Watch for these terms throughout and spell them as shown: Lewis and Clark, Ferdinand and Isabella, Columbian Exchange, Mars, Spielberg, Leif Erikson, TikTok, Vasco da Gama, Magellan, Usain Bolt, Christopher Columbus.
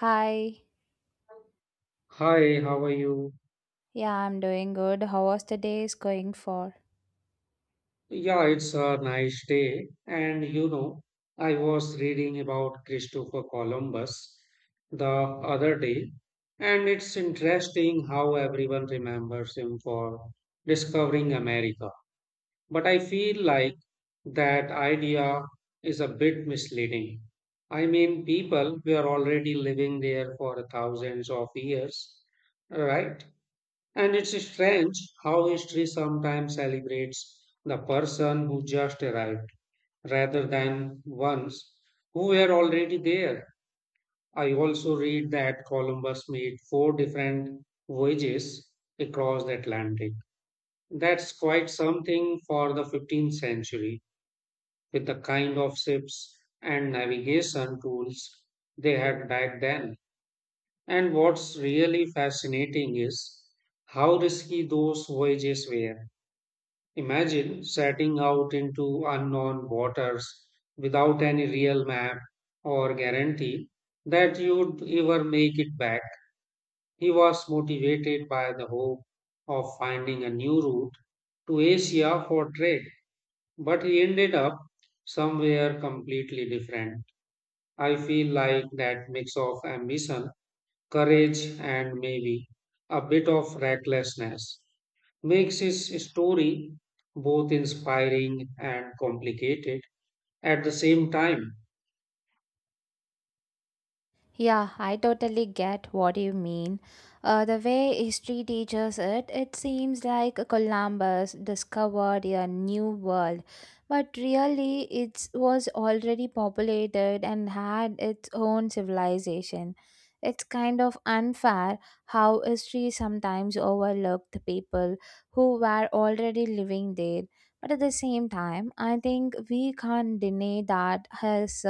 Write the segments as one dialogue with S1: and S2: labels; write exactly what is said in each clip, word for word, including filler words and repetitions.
S1: Hi.
S2: Hi, how are you?
S1: Yeah, I'm doing good. How was the day is going for?
S2: Yeah, it's a nice day. And you know, I was reading about Christopher Columbus the other day, and it's interesting how everyone remembers him for discovering America. But I feel like that idea is a bit misleading. I mean, people were already living there for thousands of years, right? And it's strange how history sometimes celebrates the person who just arrived rather than ones who were already there. I also read that Columbus made four different voyages across the Atlantic. That's quite something for the fifteenth century with the kind of ships and navigation tools they had back then. And what's really fascinating is how risky those voyages were. Imagine setting out into unknown waters without any real map or guarantee that you'd ever make it back. He was motivated by the hope of finding a new route to Asia for trade, but he ended up somewhere completely different. I feel like that mix of ambition, courage, and maybe a bit of recklessness makes his story both inspiring and complicated at the same time.
S1: Yeah, I totally get what you mean. Uh, the way history teaches it, it seems like Columbus discovered a new world, but really it was already populated and had its own civilization. It's kind of unfair how history sometimes overlooked people who were already living there. But at the same time, I think we can't deny that has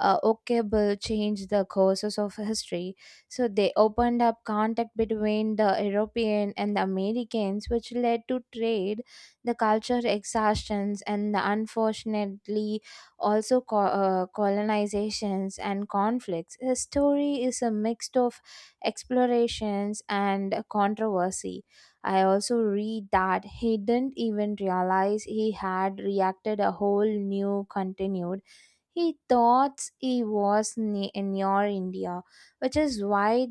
S1: uh, okable changed the courses of history. So they opened up contact between the European and the Americans, which led to trade, the culture exhaustions, and the unfortunately also co- uh, colonizations and conflicts. His story is a mix of explorations and controversy. I also read that he didn't even realize he had reacted a whole new continued he thought he was ne- near India, which is why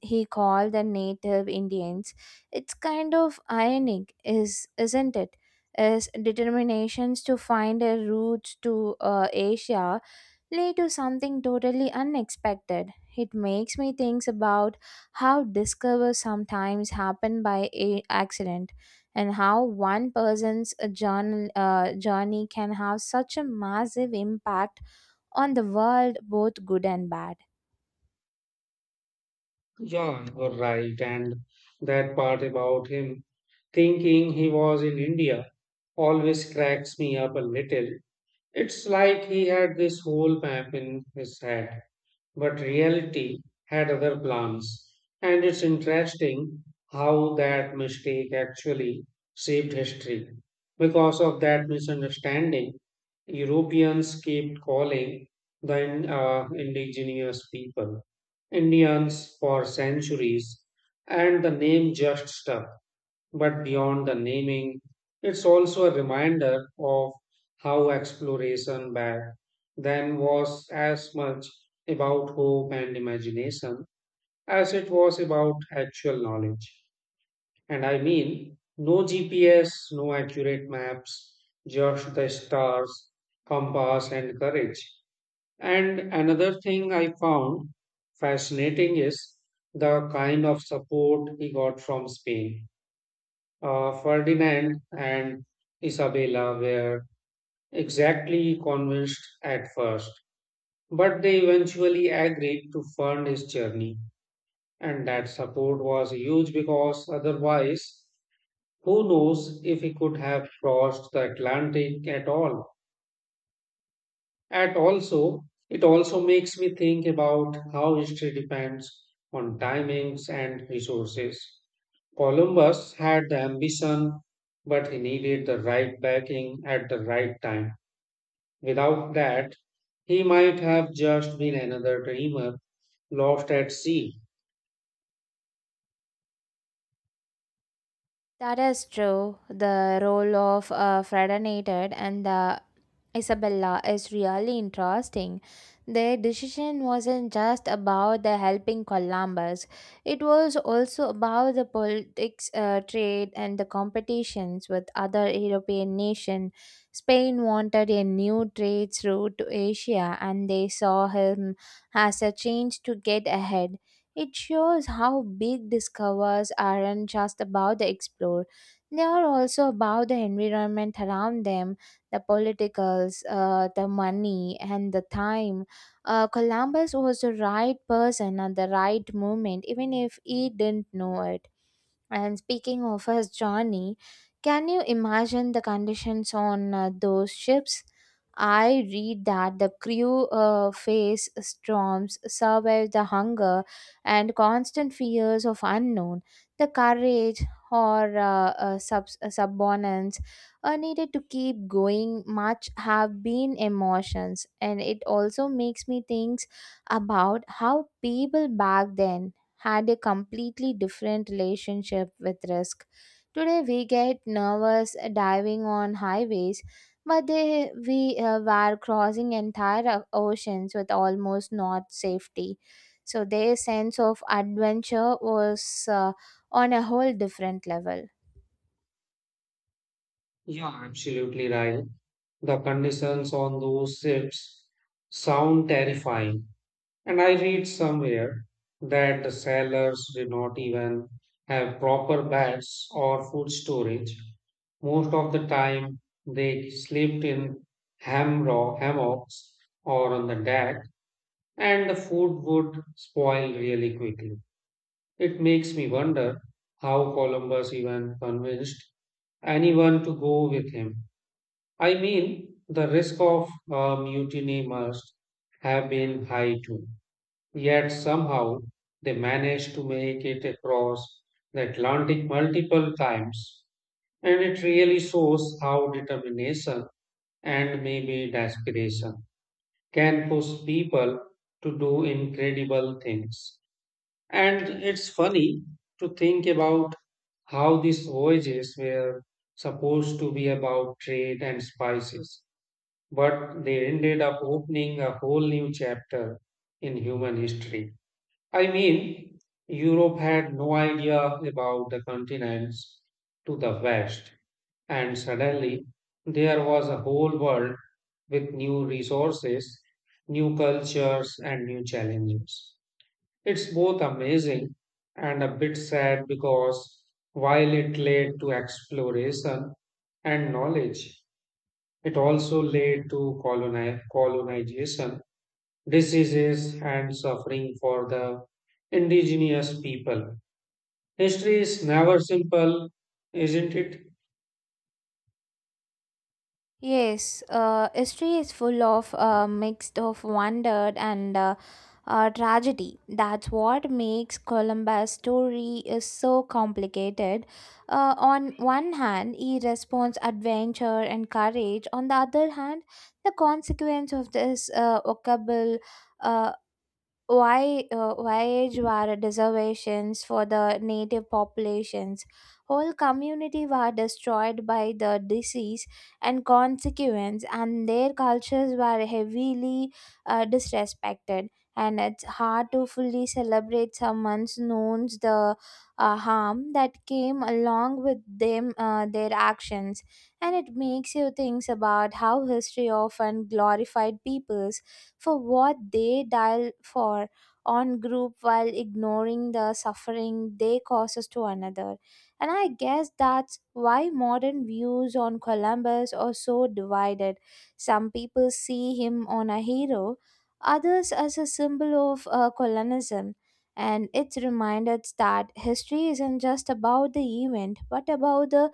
S1: he called the native Indians. It's kind of ironic, is isn't it? His determinations to find a route to uh, Asia led to something totally unexpected. It makes me think about how discoveries sometimes happen by a- accident, and how one person's uh, journal, uh, journey can have such a massive impact on the world, both good and bad.
S2: Yeah, you're right. And that part about him thinking he was in India always cracks me up a little. It's like he had this whole map in his head but reality had other plans. And it's interesting how that mistake actually shaped history. Because of that misunderstanding, Europeans kept calling the in- uh, indigenous people Indians for centuries, and the name just stuck. But beyond the naming, it's also a reminder of how exploration back then was as much about hope and imagination as it was about actual knowledge. And I mean, no G P S, no accurate maps, just the stars, compass, and courage. And another thing I found fascinating is the kind of support he got from Spain. uh, Ferdinand and Isabella were exactly convinced at first, but they eventually agreed to fund his journey, and that support was huge because otherwise, who knows if he could have crossed the Atlantic at all. And also, it also makes me think about how history depends on timings and resources. Columbus had the ambition, but he needed the right backing at the right time. Without that, he might have just been another dreamer lost at sea.
S1: That is true. The role of uh, Fredinated and the Isabella is really interesting. Their decision wasn't just about the helping Columbus, it was also about the politics, uh, trade, and the competitions with other European nations. Spain wanted a new trade route to Asia, and they saw him as a chance to get ahead. It shows how big discovers aren't just about the explorer. They are also about the environment around them, the politicals, uh, the money, and the time. Uh, Columbus was the right person at the right moment, even if he didn't know it. And speaking of his journey, can you imagine the conditions on uh, those ships? I read that the crew uh, faced storms, survived the hunger, and constant fears of unknown, the courage or uh, uh, subs- uh, subordinates are needed to keep going much have been emotions, and it also makes me think about how people back then had a completely different relationship with risk. Today we get nervous diving on highways, but they we uh, were crossing entire oceans with almost not safety. So their sense of adventure was uh, on a whole different level.
S2: Yeah, absolutely right. The conditions on those ships sound terrifying. And I read somewhere that the cellars did not even have proper beds or food storage. Most of the time, they slept in hamro- hammocks or on the deck, and the food would spoil really quickly. It makes me wonder how Columbus even convinced anyone to go with him. I mean, the risk of a mutiny must have been high too. Yet somehow they managed to make it across the Atlantic multiple times, and it really shows how determination and maybe desperation can push people to do incredible things. And it's funny to think about how these voyages were supposed to be about trade and spices, but they ended up opening a whole new chapter in human history. I mean, Europe had no idea about the continents to the west, and suddenly there was a whole world with new resources, new cultures, and new challenges. It's both amazing and a bit sad because while it led to exploration and knowledge, it also led to coloni- colonization, diseases, and suffering for the indigenous people. History is never simple, isn't it?
S1: Yes, uh, history is full of uh, mixed of wonder and uh, uh, tragedy. That's what makes Columbus' story is so complicated. Uh, on one hand, he responds adventure and courage. On the other hand, the consequence of this uh, occable why uh, wage war reservations for the native populations. Whole community were destroyed by the disease and consequence, and their cultures were heavily uh, disrespected. And it's hard to fully celebrate someone's knowns the uh, harm that came along with them uh, their actions, and it makes you think about how history often glorified peoples for what they dial for on group while ignoring the suffering they causes to another. And I guess that's why modern views on Columbus are so divided. Some people see him on a hero, others as a symbol of uh, colonialism. And it's reminded that history isn't just about the event, but about the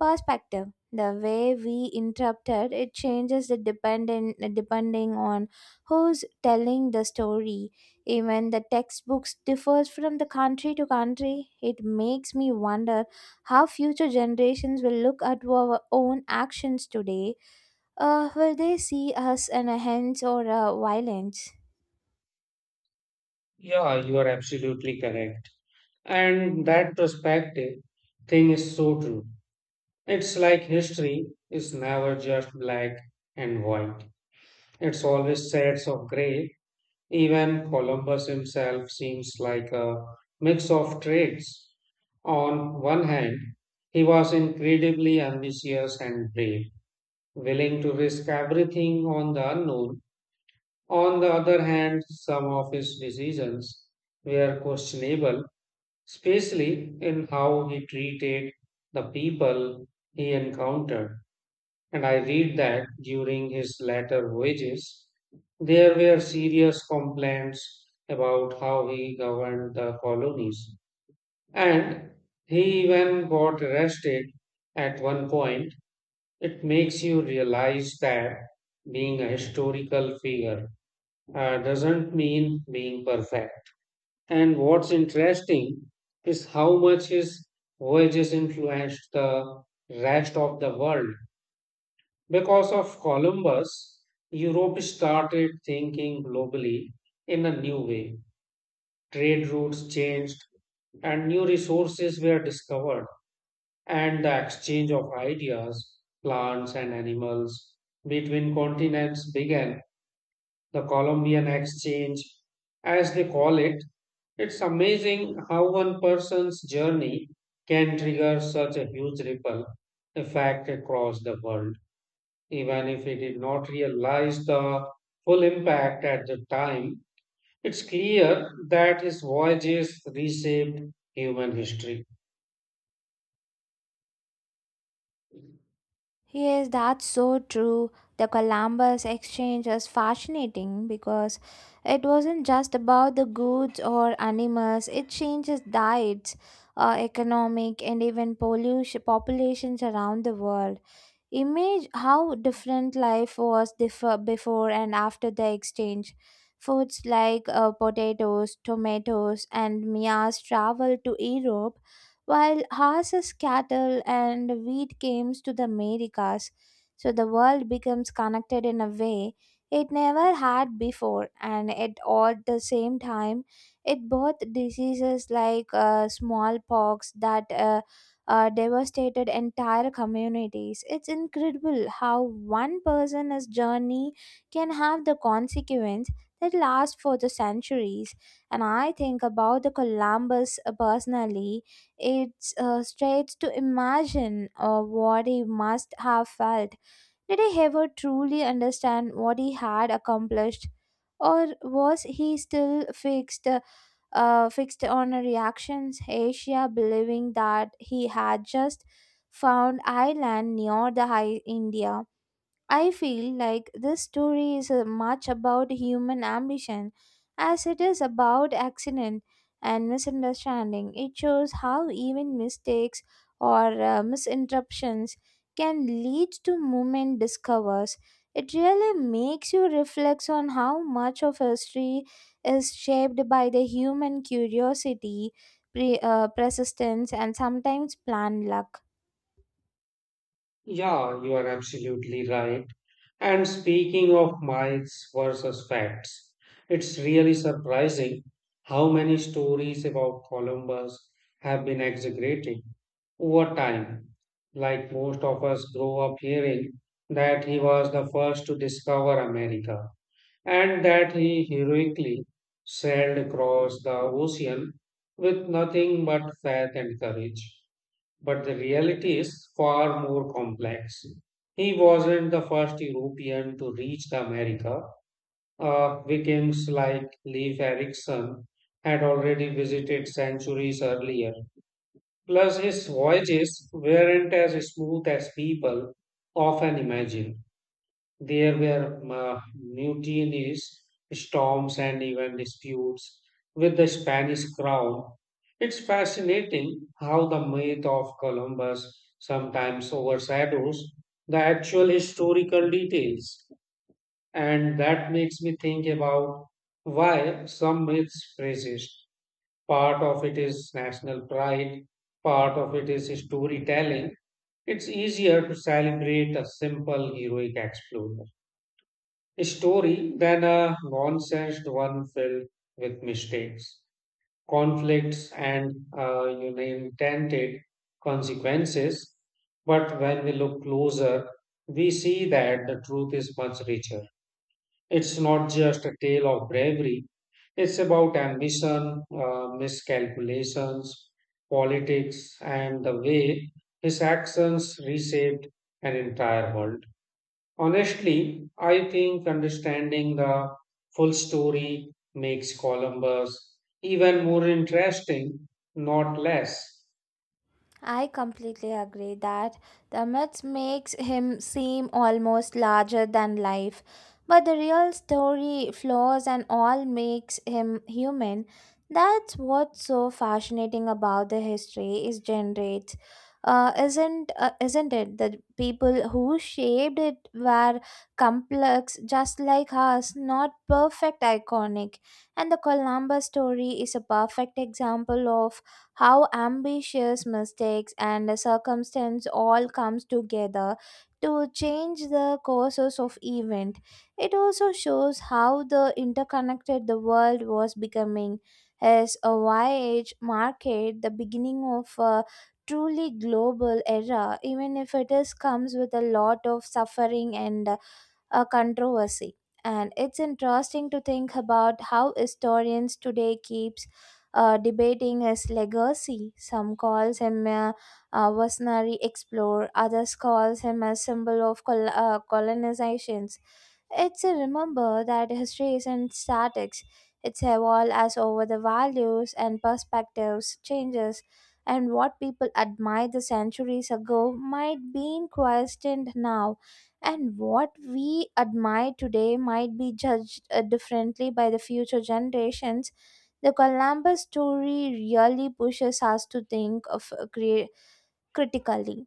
S1: perspective. The way we interpret it changes the dependent depending on who's telling the story. Even the textbooks differs from the country to country. It makes me wonder how future generations will look at our own actions today. Uh, will they see us in a hands or a violence?
S2: Yeah, you are absolutely correct. And that perspective thing is so true. It's like history is never just black and white. It's always shades of gray. Even Columbus himself seems like a mix of traits. On one hand, he was incredibly ambitious and brave, willing to risk everything on the unknown. On the other hand, some of his decisions were questionable, especially in how he treated the people he encountered. And I read that during his later voyages, there were serious complaints about how he governed the colonies. And he even got arrested at one point. It makes you realize that being a historical figure uh, doesn't mean being perfect. And what's interesting is how much his voyages influenced the rest of the world. Because of Columbus, Europe started thinking globally in a new way. Trade routes changed and new resources were discovered, and the exchange of ideas, plants, and animals between continents began the Columbian Exchange, as they call it. It's amazing how one person's journey can trigger such a huge ripple effect across the world, even if he did not realize the full impact at the time. It's clear that his voyages reshaped human history.
S1: Yes, that's so true. The Columbus exchange is fascinating because it wasn't just about the goods or animals, it changes diets, uh, economic, and even pollution, populations around the world. Image how different life was differ before and after the exchange. Foods like uh, potatoes, tomatoes, and Mia's travel to Europe while horses, cattle, and wheat came to the Americas. So the world becomes connected in a way it never had before, and at all at the same time, it brought diseases like uh, smallpox that uh, uh, devastated entire communities. It's incredible how one person's journey can have the consequence that lasts for the centuries. And I think about the Columbus uh, personally it's uh, strange to imagine uh, what he must have felt. Did he ever truly understand what he had accomplished? Or was he still fixed, uh, uh, fixed on reactions? Asia, believing that he had just found island near the high India. I feel like this story is as much about human ambition as it is about accident and misunderstanding. It shows how even mistakes or uh, misinterruptions can lead to movement discovers. It really makes you reflect on how much of history is shaped by the human curiosity, pre- uh, persistence, and sometimes planned luck.
S2: Yeah, you are absolutely right. And speaking of myths versus facts, it's really surprising how many stories about Columbus have been exaggerated over time. Like, most of us grow up hearing that he was the first to discover America and that he heroically sailed across the ocean with nothing but faith and courage, but the reality is far more complex. He wasn't the first European to reach the America. Uh, Vikings like Leif Erikson had already visited centuries earlier. Plus, his voyages weren't as smooth as people often imagine. There were uh, mutinies, storms, and even disputes with the Spanish crown. It's fascinating how the myth of Columbus sometimes overshadows the actual historical details, and that makes me think about why some myths persist. Part of it is national pride, part of it is storytelling. It's easier to celebrate a simple heroic exploit. A story than a nonsense one filled with mistakes, conflicts, and uh, you know, intended consequences. But when we look closer, we see that the truth is much richer. It's not just a tale of bravery, it's about ambition, uh, miscalculations, politics, and the way his actions reshaped an entire world. Honestly, I think understanding the full story makes Columbus even more interesting, not less.
S1: I completely agree that the myth makes him seem almost larger than life, but the real story, flaws, and all makes him human. That's what's so fascinating about the history is generates, uh, isn't uh, isn't it? The people who shaped it were complex, just like us, not perfect, iconic, and the Columbus story is a perfect example of how ambitious mistakes and circumstance all comes together to change the courses of event. It also shows how the interconnected the world was becoming as a Y H market the beginning of a truly global era, even if it is comes with a lot of suffering and a controversy. And it's interesting to think about how historians today keeps uh, debating his legacy. Some calls him a, a visionary explorer, others calls him a symbol of col- uh, colonization. It's a remember that history isn't static. It's evolved as over the values and perspectives changes, and what people admired the centuries ago might be questioned now, and what we admire today might be judged uh, differently by the future generations. The Columbus story really pushes us to think of uh, crea- critically.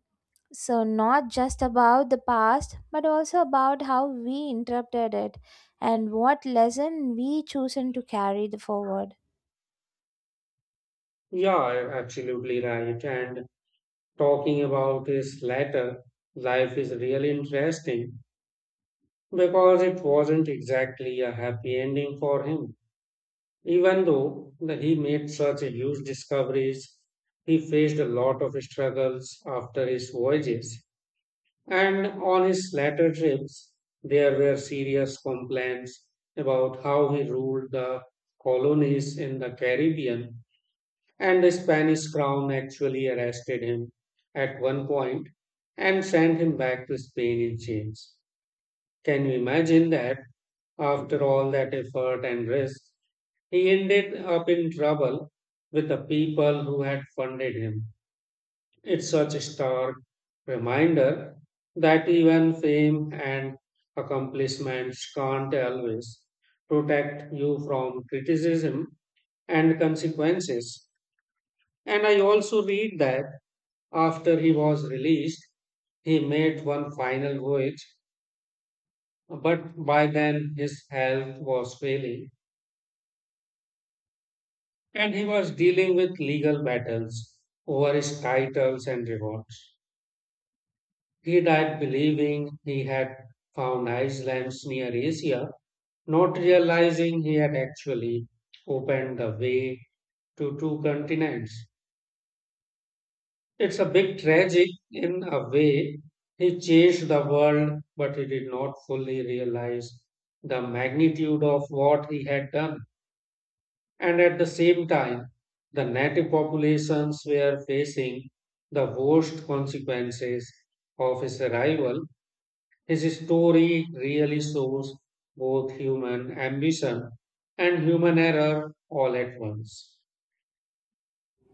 S1: So, not just about the past, but also about how we interpreted it and what lesson we chosen to carry the forward.
S2: Yeah, you're absolutely right. And talking about his latter life is really interesting because it wasn't exactly a happy ending for him. Even though that he made such huge discoveries, he faced a lot of struggles after his voyages. And on his later trips, there were serious complaints about how he ruled the colonies in the Caribbean, and the Spanish crown actually arrested him at one point and sent him back to Spain in chains. Can you imagine that? After all that effort and risk, he ended up in trouble with the people who had funded him. It's such a stark reminder that even fame and accomplishments can't always protect you from criticism and consequences. And I also read that after he was released, he made one final voyage, but by then his health was failing and he was dealing with legal battles over his titles and rewards. He died believing he had found Iceland's near Asia, not realizing he had actually opened the way to two continents. It's a bit tragic in a way. He changed the world, but he did not fully realize the magnitude of what he had done. And at the same time, the native populations were facing the worst consequences of his arrival. His story really shows both human ambition and human error all at once.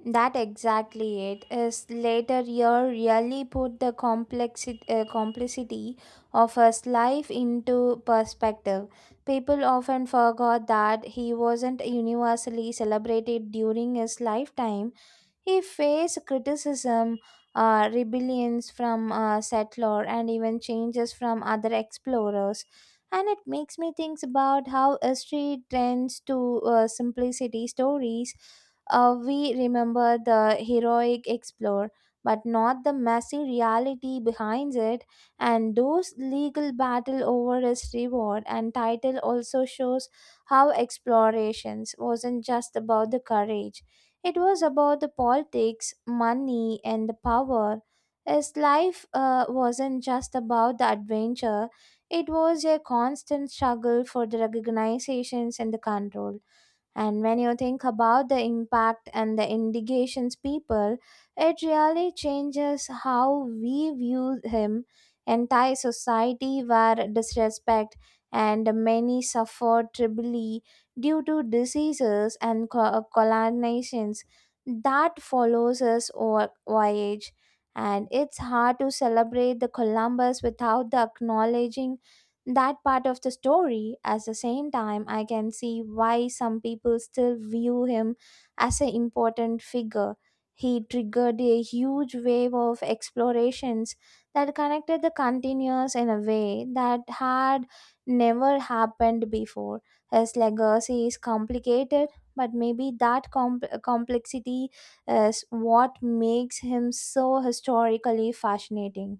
S1: That exactly it is later year really put the complexity, uh, complexity of his life into perspective. People often forgot that he wasn't universally celebrated during his lifetime. He faced criticism, uh, rebellions from uh, settlers, and even changes from other explorers. And it makes me think about how history trends to uh, simplicity stories. Uh, we remember the heroic explorer, but not the messy reality behind it. And those legal battle over his reward and title also shows how explorations wasn't just about the courage. It was about the politics, money, and the power. His life uh, wasn't just about the adventure, it was a constant struggle for the recognizations and the control. And when you think about the impact and the indications people, it really changes how we view him. Entire society were disrespect and many suffered trebly due to diseases and co- uh, colonizations that follows us or voyage. And it's hard to celebrate the Columbus without the acknowledging that part of the story. At the same time, I can see why some people still view him as an important figure. He triggered a huge wave of explorations that connected the continuous in a way that had never happened before. His legacy is complicated, but maybe that comp- complexity is what makes him so historically fascinating.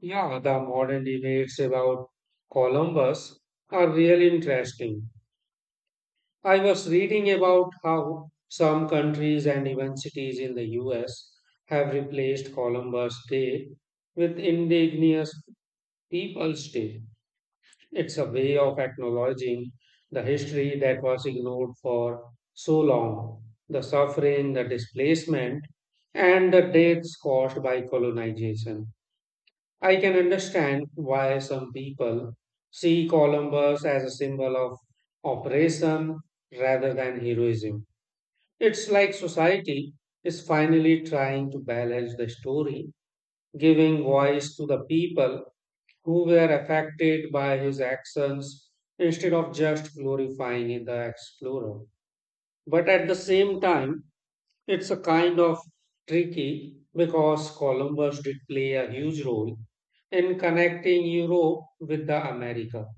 S2: Yeah, the modern debates about Columbus are really interesting. I was reading about how some countries and even cities in the U S have replaced Columbus Day with Indigenous Peoples Day. It's a way of acknowledging the history that was ignored for so long, the suffering, the displacement, and the deaths caused by colonization. I can understand why some people see Columbus as a symbol of oppression rather than heroism. It's like society is finally trying to balance the story, giving voice to the people who were affected by his actions instead of just glorifying the explorer. But at the same time, it's a kind of tricky because Columbus did play a huge role in connecting Europe with the America.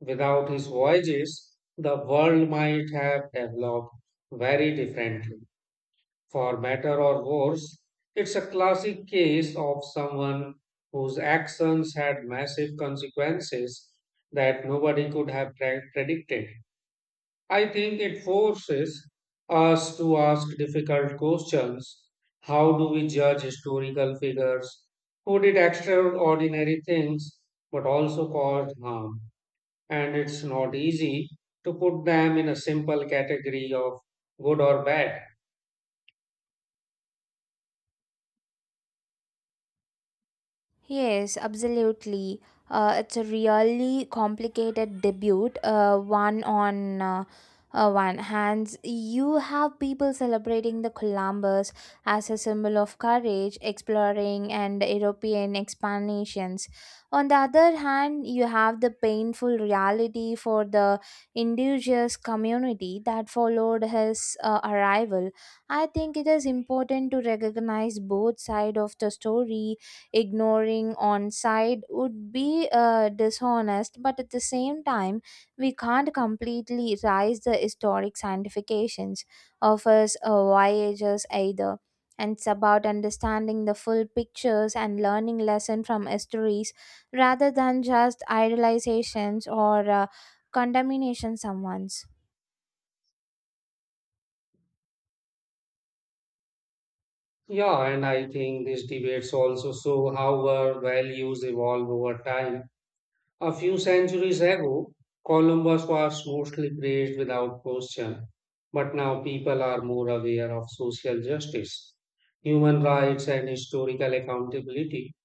S2: Without his voyages, the world might have developed very differently. For better or worse, it's a classic case of someone whose actions had massive consequences that nobody could have pre- predicted. I think it forces us to ask difficult questions. How do we judge historical figures who did extraordinary things but also caused harm? And it's not easy to put them in a simple category of good or bad.
S1: Yes, absolutely. Uh, it's a really complicated debut. Uh, one on uh, uh, one hands, you have people celebrating the Columbus as a symbol of courage, exploring, and European expansions. On the other hand, you have the painful reality for the indigenous community that followed his uh, arrival. I think it is important to recognize both sides of the story. Ignoring on side would be uh, dishonest, but at the same time we can't completely erase the historic scientifications of us uh, voyagers either. And it's about understanding the full pictures and learning lesson from histories rather than just idealizations or uh, condemnation someone's.
S2: Yeah, and I think these debates also show how our values evolve over time. A few centuries ago, Columbus was mostly praised without question, but now people are more aware of social justice, human rights, and historical accountability.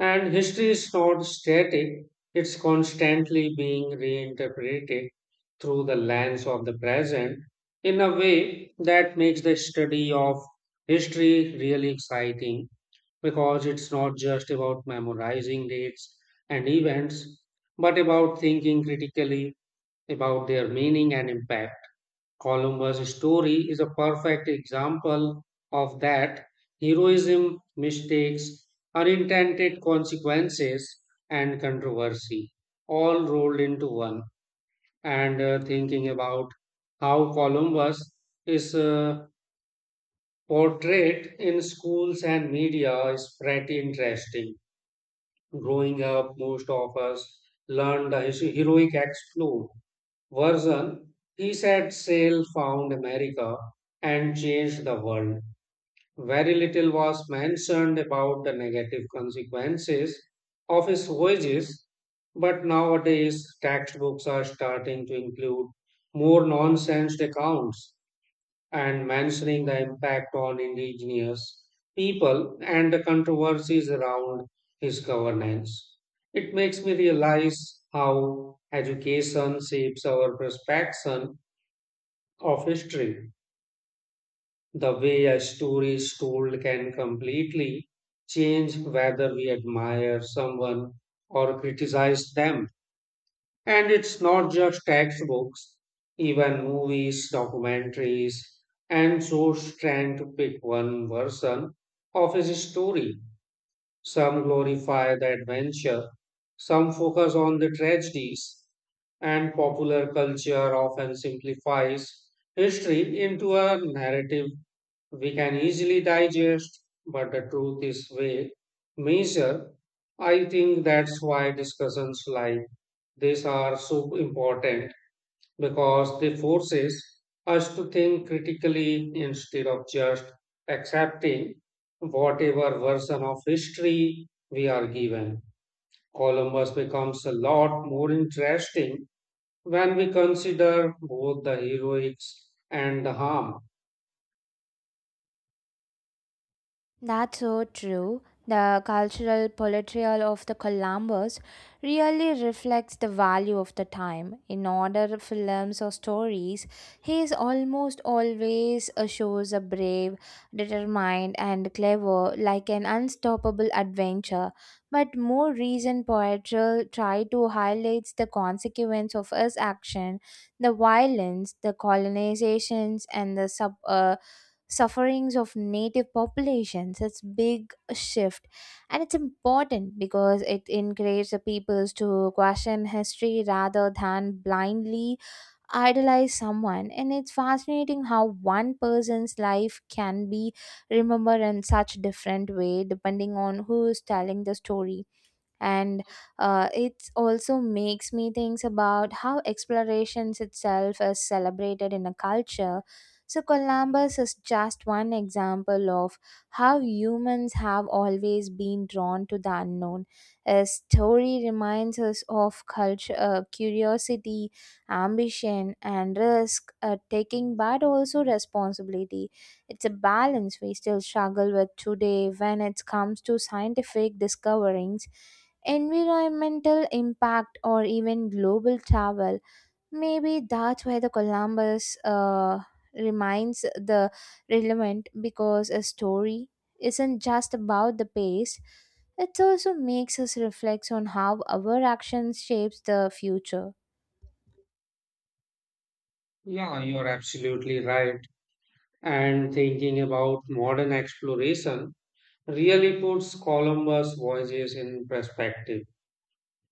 S2: And history is not static, it's constantly being reinterpreted through the lens of the present, in a way that makes the study of history really exciting because it's not just about memorizing dates and events, but about thinking critically about their meaning and impact. Columbus' story is a perfect example of that. Heroism, mistakes, unintended consequences, and controversy all rolled into one. And uh, thinking about how Columbus is uh, portrayed in schools and media is pretty interesting. Growing up, most of us learned the his- heroic exploit version, he set sail, found America, and changed the world. Very little was mentioned about the negative consequences of his voyages, but nowadays textbooks are starting to include more nonsense accounts and mentioning the impact on indigenous people and the controversies around his governance. It makes me realize how education shapes our perception of history. The way a story is told can completely change whether we admire someone or criticize them. And it's not just textbooks, even movies, documentaries, and shows trying to pick one version of his story. Some glorify the adventure, some focus on the tragedies, and popular culture often simplifies history into a narrative we can easily digest, but the truth is way measure. I think that's why discussions like these are so important because they forces us to think critically instead of just accepting whatever version of history we are given. Columbus becomes a lot more interesting when we consider both the heroics and the harm.
S1: That's so true. The cultural portrayal of the Columbus really reflects the value of the time. In other films or stories, he is almost always uh, shows a brave, determined, and clever, like an unstoppable adventure. But more recent poetry try to highlight the consequence of his action, the violence, the colonizations, and the sub. Uh, sufferings of native populations. It's big shift and it's important because it encourages the peoples to question history rather than blindly idolize someone. And it's fascinating how one person's life can be remembered in such different way depending on who is telling the story. And uh, It also makes me think about how explorations itself is celebrated in a culture. So Columbus is just one example of how humans have always been drawn to the unknown. His story reminds us of culture uh, curiosity, ambition, and risk uh, taking, but also responsibility. It's a balance we still struggle with today when it comes to scientific discoveries, environmental impact, or even global travel. Maybe that's why the Columbus uh, remains the relevant because a story isn't just about the past; it also makes us reflect on how our actions shapes the future.
S2: Yeah, you're absolutely right. And thinking about modern exploration really puts Columbus' voyages in perspective.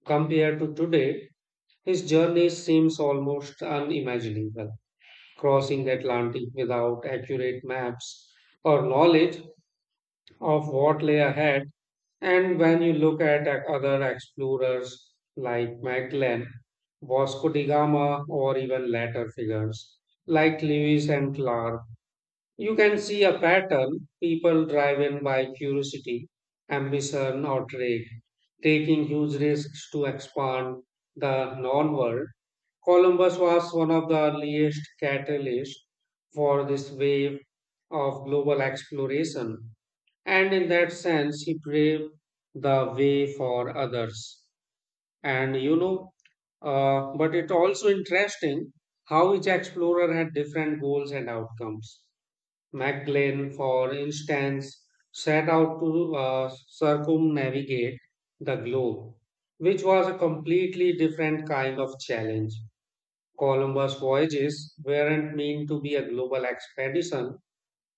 S2: Compared to today, his journey seems almost unimaginable, crossing the Atlantic without accurate maps or knowledge of what lay ahead. And when you look at other explorers like Magellan, Vasco da Gama, or even later figures like Lewis and Clark, you can see a pattern, people driven by curiosity, ambition, or trade, taking huge risks to expand the known world. Columbus was one of the earliest catalysts for this wave of global exploration, and in that sense, he paved the way for others. And you know, uh, but it also interesting how each explorer had different goals and outcomes. Magellan, for instance, set out to uh, circumnavigate the globe, which was a completely different kind of challenge. Columbus' voyages weren't meant to be a global expedition.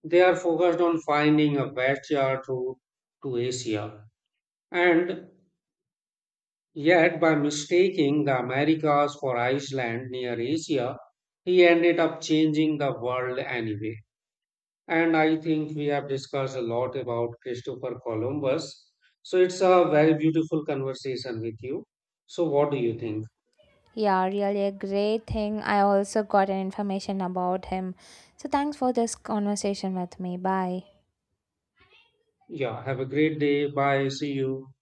S2: They are focused on finding a backyard route to Asia. And yet, by mistaking the Americas for Iceland near Asia, he ended up changing the world anyway. And I think we have discussed a lot about Christopher Columbus. So it's a very beautiful conversation with you. So, what do you think?
S1: Yeah, really a great thing, I also got an information about him, so thanks for this conversation with me. Bye.
S2: Yeah, have a great day. Bye. See you.